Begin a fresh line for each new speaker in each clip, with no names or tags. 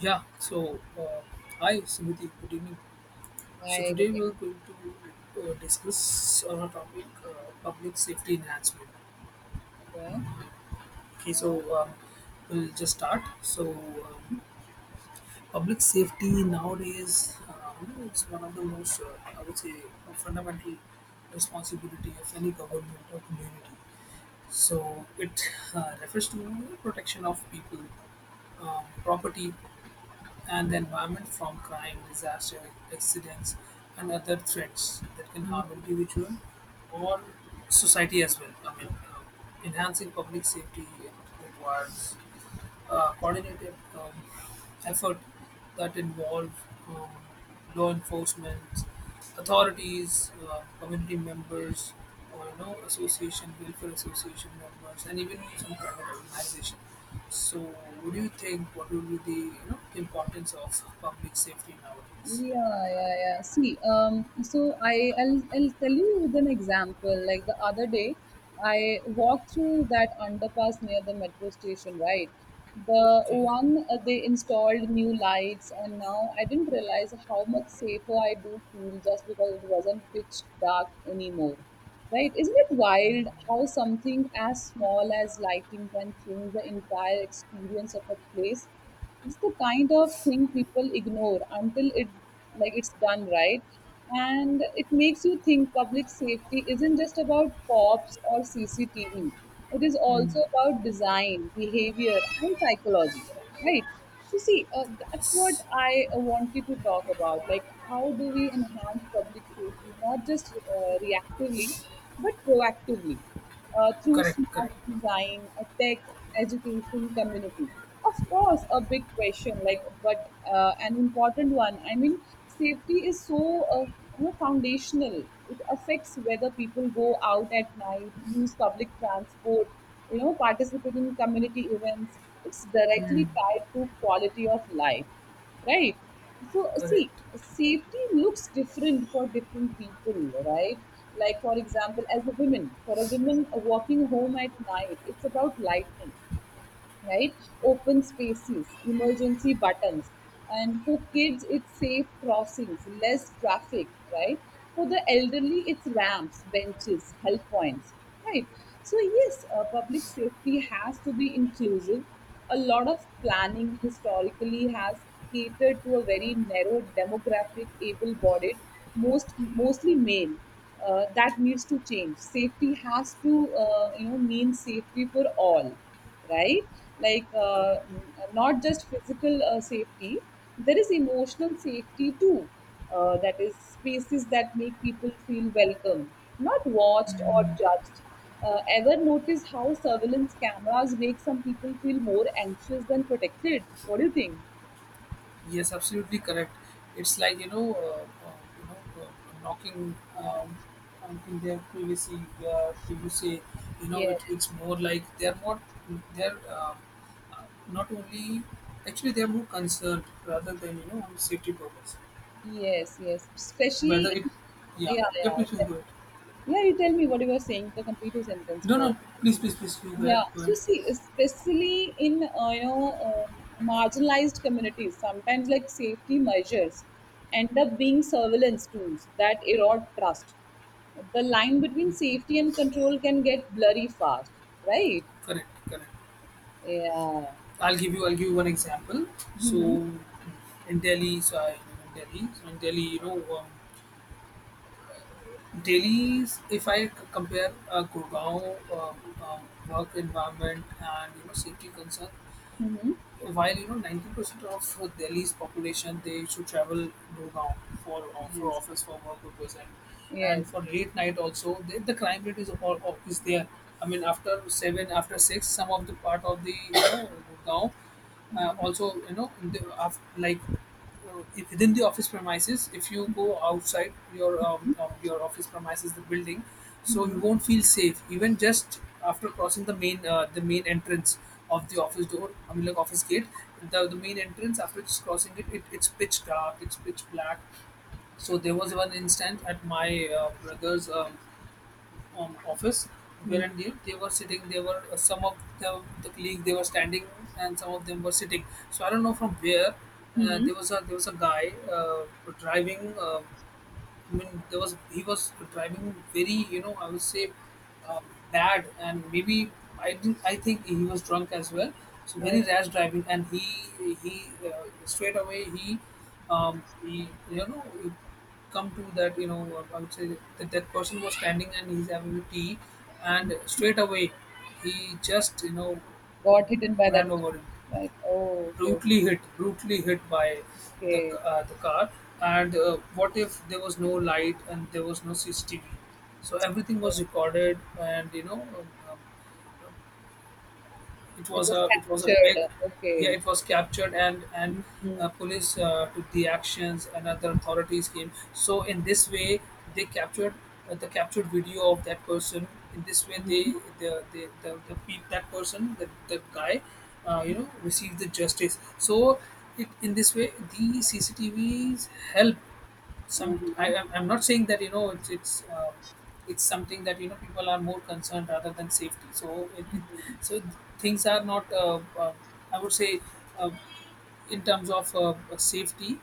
Yeah, so uh, Hi Smriti, good evening. So
I
today
agree
we are going to discuss on a topic public safety enhancement.
there.
Okay,
Yeah,
we'll just start. Public safety nowadays, it's one of the most, I would say, a fundamental responsibility of any government or community. So it refers to protection of people, property and the environment from crime, disaster, accidents, and other threats that can harm individual or society as well. Uh, Enhancing public safety requires coordinated effort that involve um, law enforcement, authorities, community members, or you know, association, welfare association members, and even some private organization. So, what do you think what would be the you know importance of public safety nowadays?
yeah. See, so I'll tell you with an example. Like the other day, I walked through that underpass near the metro station, right? The
Okay.
one they installed new lights, and now I didn't realize how much safer I do feel just because it wasn't pitch dark anymore, right? Isn't it wild how something as small as lighting can change the entire experience of a place? It's the kind of thing people ignore until it, like, it's done right, and it makes you think public safety isn't just about cops or cctv. It is also about design, behavior, and psychology, right? So see, that's what I wanted to talk about, like how do we enhance public safety, not just reactively but proactively, through
Correct,
smart
correct.
design, a tech, education, community. Of course, a big question, like, but an important one. I mean, safety is so you know, foundational. It affects whether people go out at night, use public transport, you know, participate in community events. It's directly
Mm.
tied to quality of life, right? So see,
Correct,
safety looks different for different people, right? Like, for example, as a woman, for a woman walking home at night, it's about lightning, right? Open spaces, emergency buttons, and for kids, it's safe crossings, less traffic, right? For the elderly, it's ramps, benches, help points, right? So, yes, public safety has to be inclusive. A lot of planning historically has catered to a very narrow demographic, able bodied, mostly male. That needs to change. Safety has to, you know, mean safety for all, right? Like,
correct.
not just physical safety, there is emotional safety too. That is, spaces that make people feel welcome, not watched or judged. Ever notice how surveillance cameras make some people feel more anxious than protected? What do you think?
Yes, absolutely correct. It's like knocking on in their privacy. Where if you say, you know, it,
Yes,
it's more like they're more they're uh, not only actually they're more concerned rather than you know on safety purpose.
yes, yes.
Whether
Especially,
it, yeah,
yeah,
yeah,
yeah.
please go ahead.
Yeah, you tell me what you were saying, the complete your sentence
No,
first.
no. Please, please, please. You were
Yeah. So
good.
see, especially in marginalized communities, sometimes like safety measures end up being surveillance tools that erode trust. The line between safety and control can get blurry fast, right?
Correct, correct.
Yeah.
I'll give you. I'll give you one example. So,
Mm-hmm.
in Delhi, so I live in Delhi. So in Delhi, Delhi's. If I compare Gurgaon um, work environment and you know safety concern,
Mm-hmm.
while you know 90% of Delhi's population they should travel Gurgaon for
Yes.
office for work purpose
Yes.
and for
Yes.
late night also the crime rate is all is there. I mean after seven after six some of the part of the you know Gurgaon also you know in the, af like within the office premises if you go outside your office premises the building, so
Mm-hmm.
you won't feel safe even just after crossing the main entrance of the office door. I mean like office gate, the main entrance after just crossing it, it's pitch dark, it's pitch black. So there was one instant at my brother's office
Mm-hmm.
wherein they were sitting, they were some of the colleagues they were standing and some of them were sitting. So I don't know from where
Mm-hmm.
there was a guy driving I mean, there was he was driving very, you know, I would say, uh, bad, and maybe I didn't. I think he was drunk as well, so
Oh,
very rash driving, and he straight away he come to that you know I would say that that person was standing and he's having a tea, and straight away he just you know
got hidden by that,
ran over him,
right? Oh, okay. Okay.
brutally hit by the
Okay.
the car. And what if there was no light and there was no CCTV? So everything was recorded, and you know. It
It
was
was
a it was a big,
captured.
yeah
Okay.
it was captured, and
Mm-hmm.
police took the actions and other authorities came. So in this way they captured the captured video of that person. In this way they
Mm-hmm.
the, pe that person the guy you know received the justice. So it in this way the cctvs help some.
Uh-huh.
I'm not saying that you know it's something that you know people are more concerned rather than safety. So so things are not I would say uh, in terms of safety.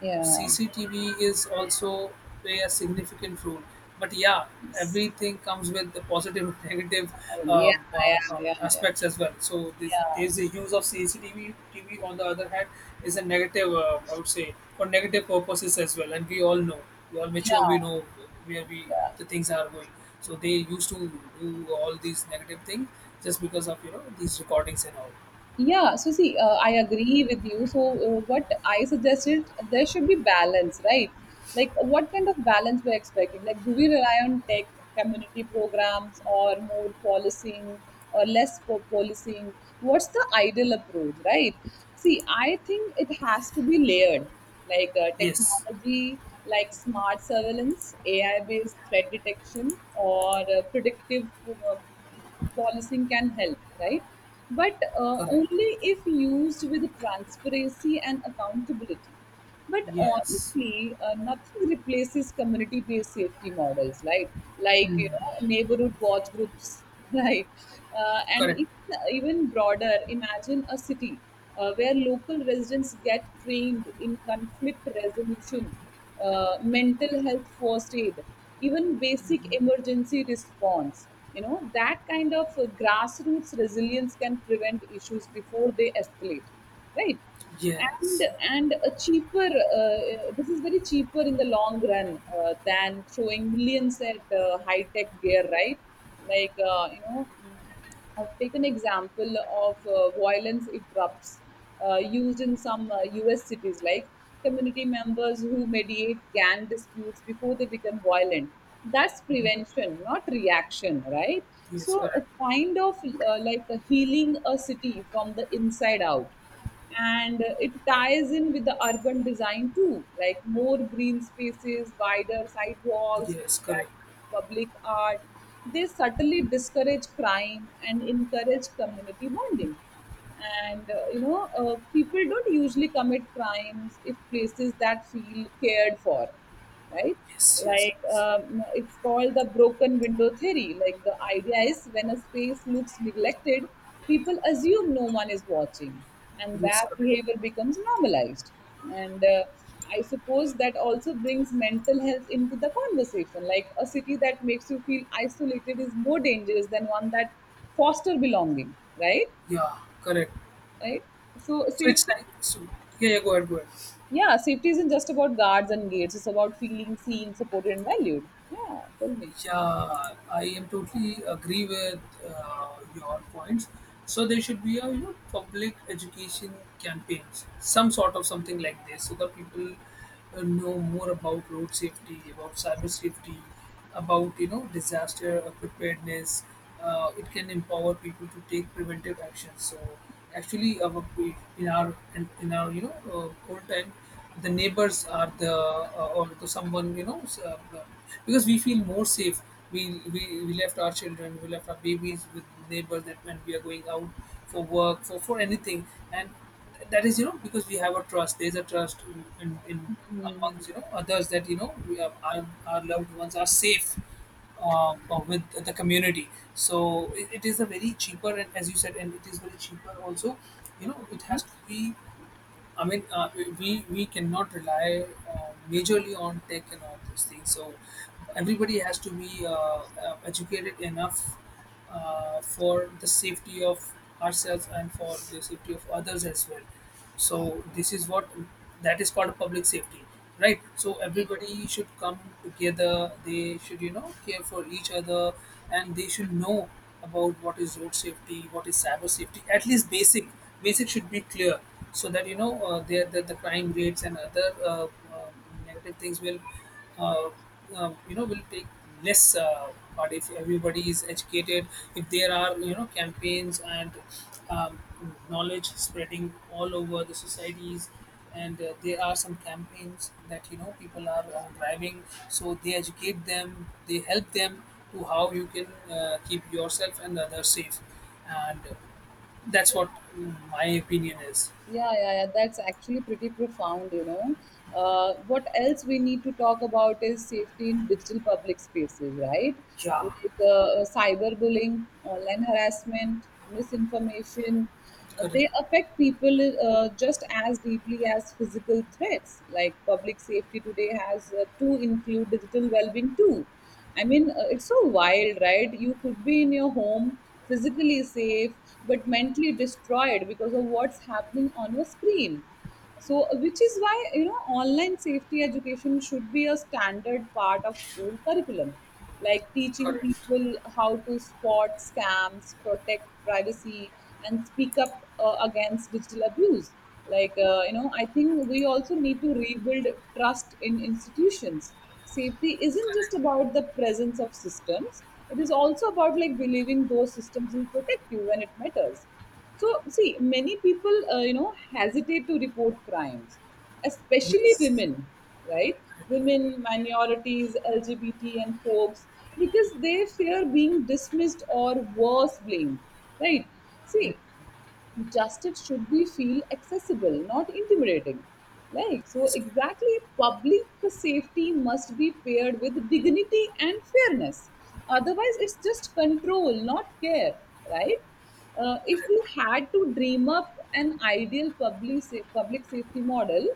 Yeah.
CCTV is also play a significant role. But yeah,
Yes.
everything comes with the positive and negative
I yeah, yeah, yeah, yeah.
aspects as well. So this,
Yeah.
there's the use of CCTV. TV on the other hand is a negative, I would say, for negative purposes as well. And we all know, we all mature, we
Yeah.
know where we
Yeah.
the things are going. So they used to do all these negative things just because of you know these recordings and all.
Yeah, so see, I agree with you. So, what I suggested, there should be balance, right? Like, what kind of balance we're expecting? Like, do we rely on tech, community programs, or more policing, or less policing? What's the ideal approach, right? See, I think it has to be layered, like
Yes,
technology, like smart surveillance, AI-based threat detection, or predictive policing can help, right? But
correct.
only if used with transparency and accountability. But
Yes,
honestly, nothing replaces community-based safety models, right? Like, you know, neighborhood watch groups, right? And
correct.
even, even broader, imagine a city where local residents get trained in conflict resolution, mental health first aid, even basic emergency response. You know, that kind of grassroots resilience can prevent issues before they escalate, right? and
Yes.
and a cheaper uh, this is very cheaper in the long run, than throwing millions at high tech gear, right? Like, you know, I've taken example of violence erupts used in some U.S. cities, like community members who mediate gang disputes before they become violent. That's prevention, not reaction, right?
Yes,
So a
correct.
kind of, like, a healing a city from the inside out. And it ties in with the urban design too, like more green spaces, wider sidewalks,
Yes,
interactive art,
correct.
public art. They subtly discourage crime and encourage community bonding. And you know, people don't usually commit crimes if places that feel cared for, right?
Yes, yes,
Like,
yes.
it's called the broken window theory. Like, the idea is when a space looks neglected, people assume no one is watching, and
Yes,
that
correct.
behavior becomes normalized. And I suppose that also brings mental health into the conversation. Like, a city that makes you feel isolated is more dangerous than one that foster belonging, right?
Yeah, correct.
Right. So
So it's
safety,
like so. Yeah, yeah. Go ahead, go ahead.
yeah, safety isn't just about guards and gates. It's about feeling seen, supported, and valued. Yeah, tell me.
Yeah, I am totally agree with your points. So there should be a you know public education campaigns, some sort of something like this, so that people know more about road safety, about cyber safety, about you know disaster preparedness. It can empower people to take preventive actions. So actually, in our in our you know old time the neighbors are the or to someone you know because we feel more safe, we left our children, we left our babies with neighbors that when we are going out for work for anything, and that is you know because we have a trust, there's a trust in
Hmm.
amongst you know others that you know we have, our loved ones are safe with the community. So it is a very cheaper, and as you said, and it is very cheaper also. You know, it has to be. I mean, uh, we cannot rely majorly on tech and all these things. So everybody has to be educated enough for the safety of ourselves and for the safety of others as well. So this is what that is called public safety, right? So
Yes.
everybody should come together, they should you know care for each other and they should know about what is road safety, what is cyber safety. At least basic, basic should be clear so that you know the crime rates and other uh, negative things will uh, you know will take less part if everybody is educated, if there are you know campaigns and um, knowledge spreading all over the societies. And there are some campaigns that you know people are driving, so they educate them, they help them to how you can keep yourself and others safe. And that's what my opinion is.
Yeah, yeah, yeah, that's actually pretty profound, you know. Uh, what else we need to talk about is safety in digital public spaces, right?
Yeah,
Like, cyberbullying, online harassment, misinformation,
correct,
they affect people just as deeply as physical threats. Like, public safety today has to include digital well-being too. I mean, it's so wild, right? You could be in your home, physically safe, but mentally destroyed because of what's happening on your screen. So, which is why, you know, online safety education should be a standard part of school curriculum, like teaching
correct.
people how to spot scams, protect privacy, and speak up against digital abuse. Like, you know, I think we also need to rebuild trust in institutions. Safety isn't just about the presence of systems, it is also about, like, believing those systems will protect you when it matters. So, see, many people, you know, hesitate to report crimes, especially
Yes,
women, right? Women, minorities, LGBT, and folks, because they fear being dismissed, or worse, blamed, right? See, justice should be feel accessible, not intimidating. Like, so
yes.
exactly, public safety must be paired with dignity and fairness, otherwise it's just control, not care, right? Uh, if we had to dream up an ideal public safety model,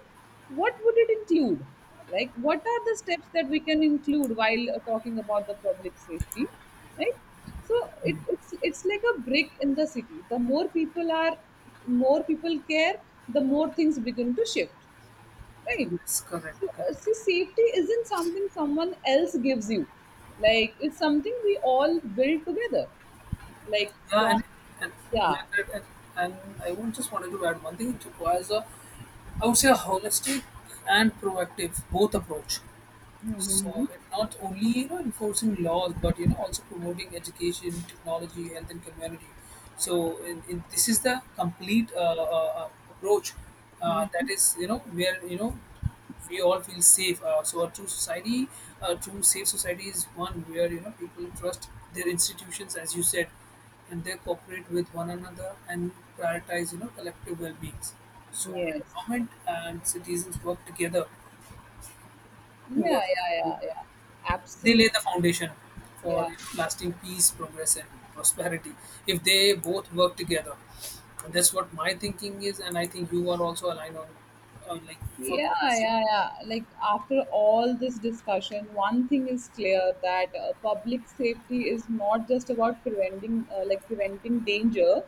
what would it include? Like, what are the steps that we can include while talking about the public safety, right? So it's like a brick in the city. The more people are, more people care, the more things begin to shift, right?
Yes, correct,
So
correct.
see, safety isn't something someone else gives you. Like, it's something we all build together, like
Yeah,
from,
and and
yeah.
yeah, correct. And I would just wanted to add one thing. It requires a, I would say, a holistic and proactive both approach.
Mhm,
So it not only you know enforcing laws, but you know also promoting education, technology, health, and community. So this is the complete approach that
mhm.
is you know where you know we all feel safe. So a true society, a true safe society is one where you know people trust their institutions, as you said, and they cooperate with one another and prioritize you know collective well-being. So when
Yes,
government and citizens work together
yeah,
towards
yeah,
the
yeah, yeah,
they lay
absolutely,
the foundation for
yeah.
lasting peace, progress, and prosperity if they both work together. And that's what my thinking is, and I think you are also aligned on like for
Yeah,
the same.
yeah, yeah. Like, after all this discussion, one thing is clear that public safety is not just about preventing, like preventing danger.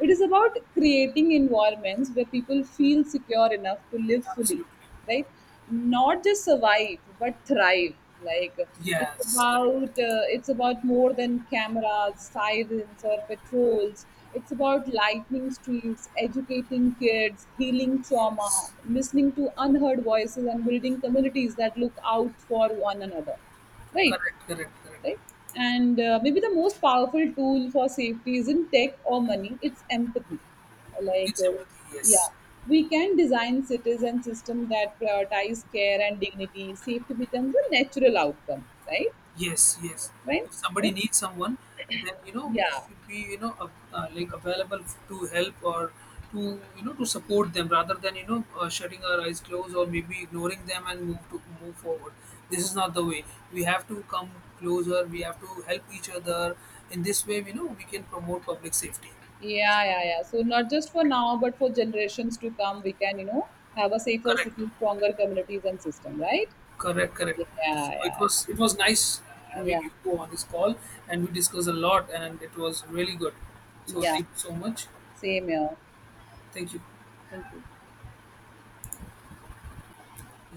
It is about creating environments where people feel secure enough to live fully,
Absolutely.
right? Not just survive but thrive. Like, it's
Yes, correct.
about, it's about more than cameras, sirens, or patrols. It's about lightning streets, educating kids, healing trauma,
Yes,
listening to unheard voices, and building communities that look out for one another, right?
correct, correct, correct.
Right? And maybe the most powerful tool for safety isn't tech or money, it's empathy. Like,
It's empathy.
yeah,
Yes.
we can design cities and systems that prioritize care and dignity. Safety becomes a natural outcome, right?
Yes, yes.
Right?
If somebody
Right?
needs someone, then you know we
Yeah.
should be you know like available to help or to you know to support them rather than you know shutting our eyes closed or maybe ignoring them and move to move forward. This is not the way. We have to come closer. We have to help each other. In this way, you know we can promote public safety. So,
Yeah, yeah, yeah. So not just for now, but for generations to come, we can, you know, have a safer
correct.
city, stronger communities and system, right?
Correct, correct.
Yeah,
So
yeah,
it was nice having
yeah,
you two on this call, and we discussed a lot, and it was really good.
yeah.
So
Yeah.
thank you so much.
Same here.
Thank you.
Thank you.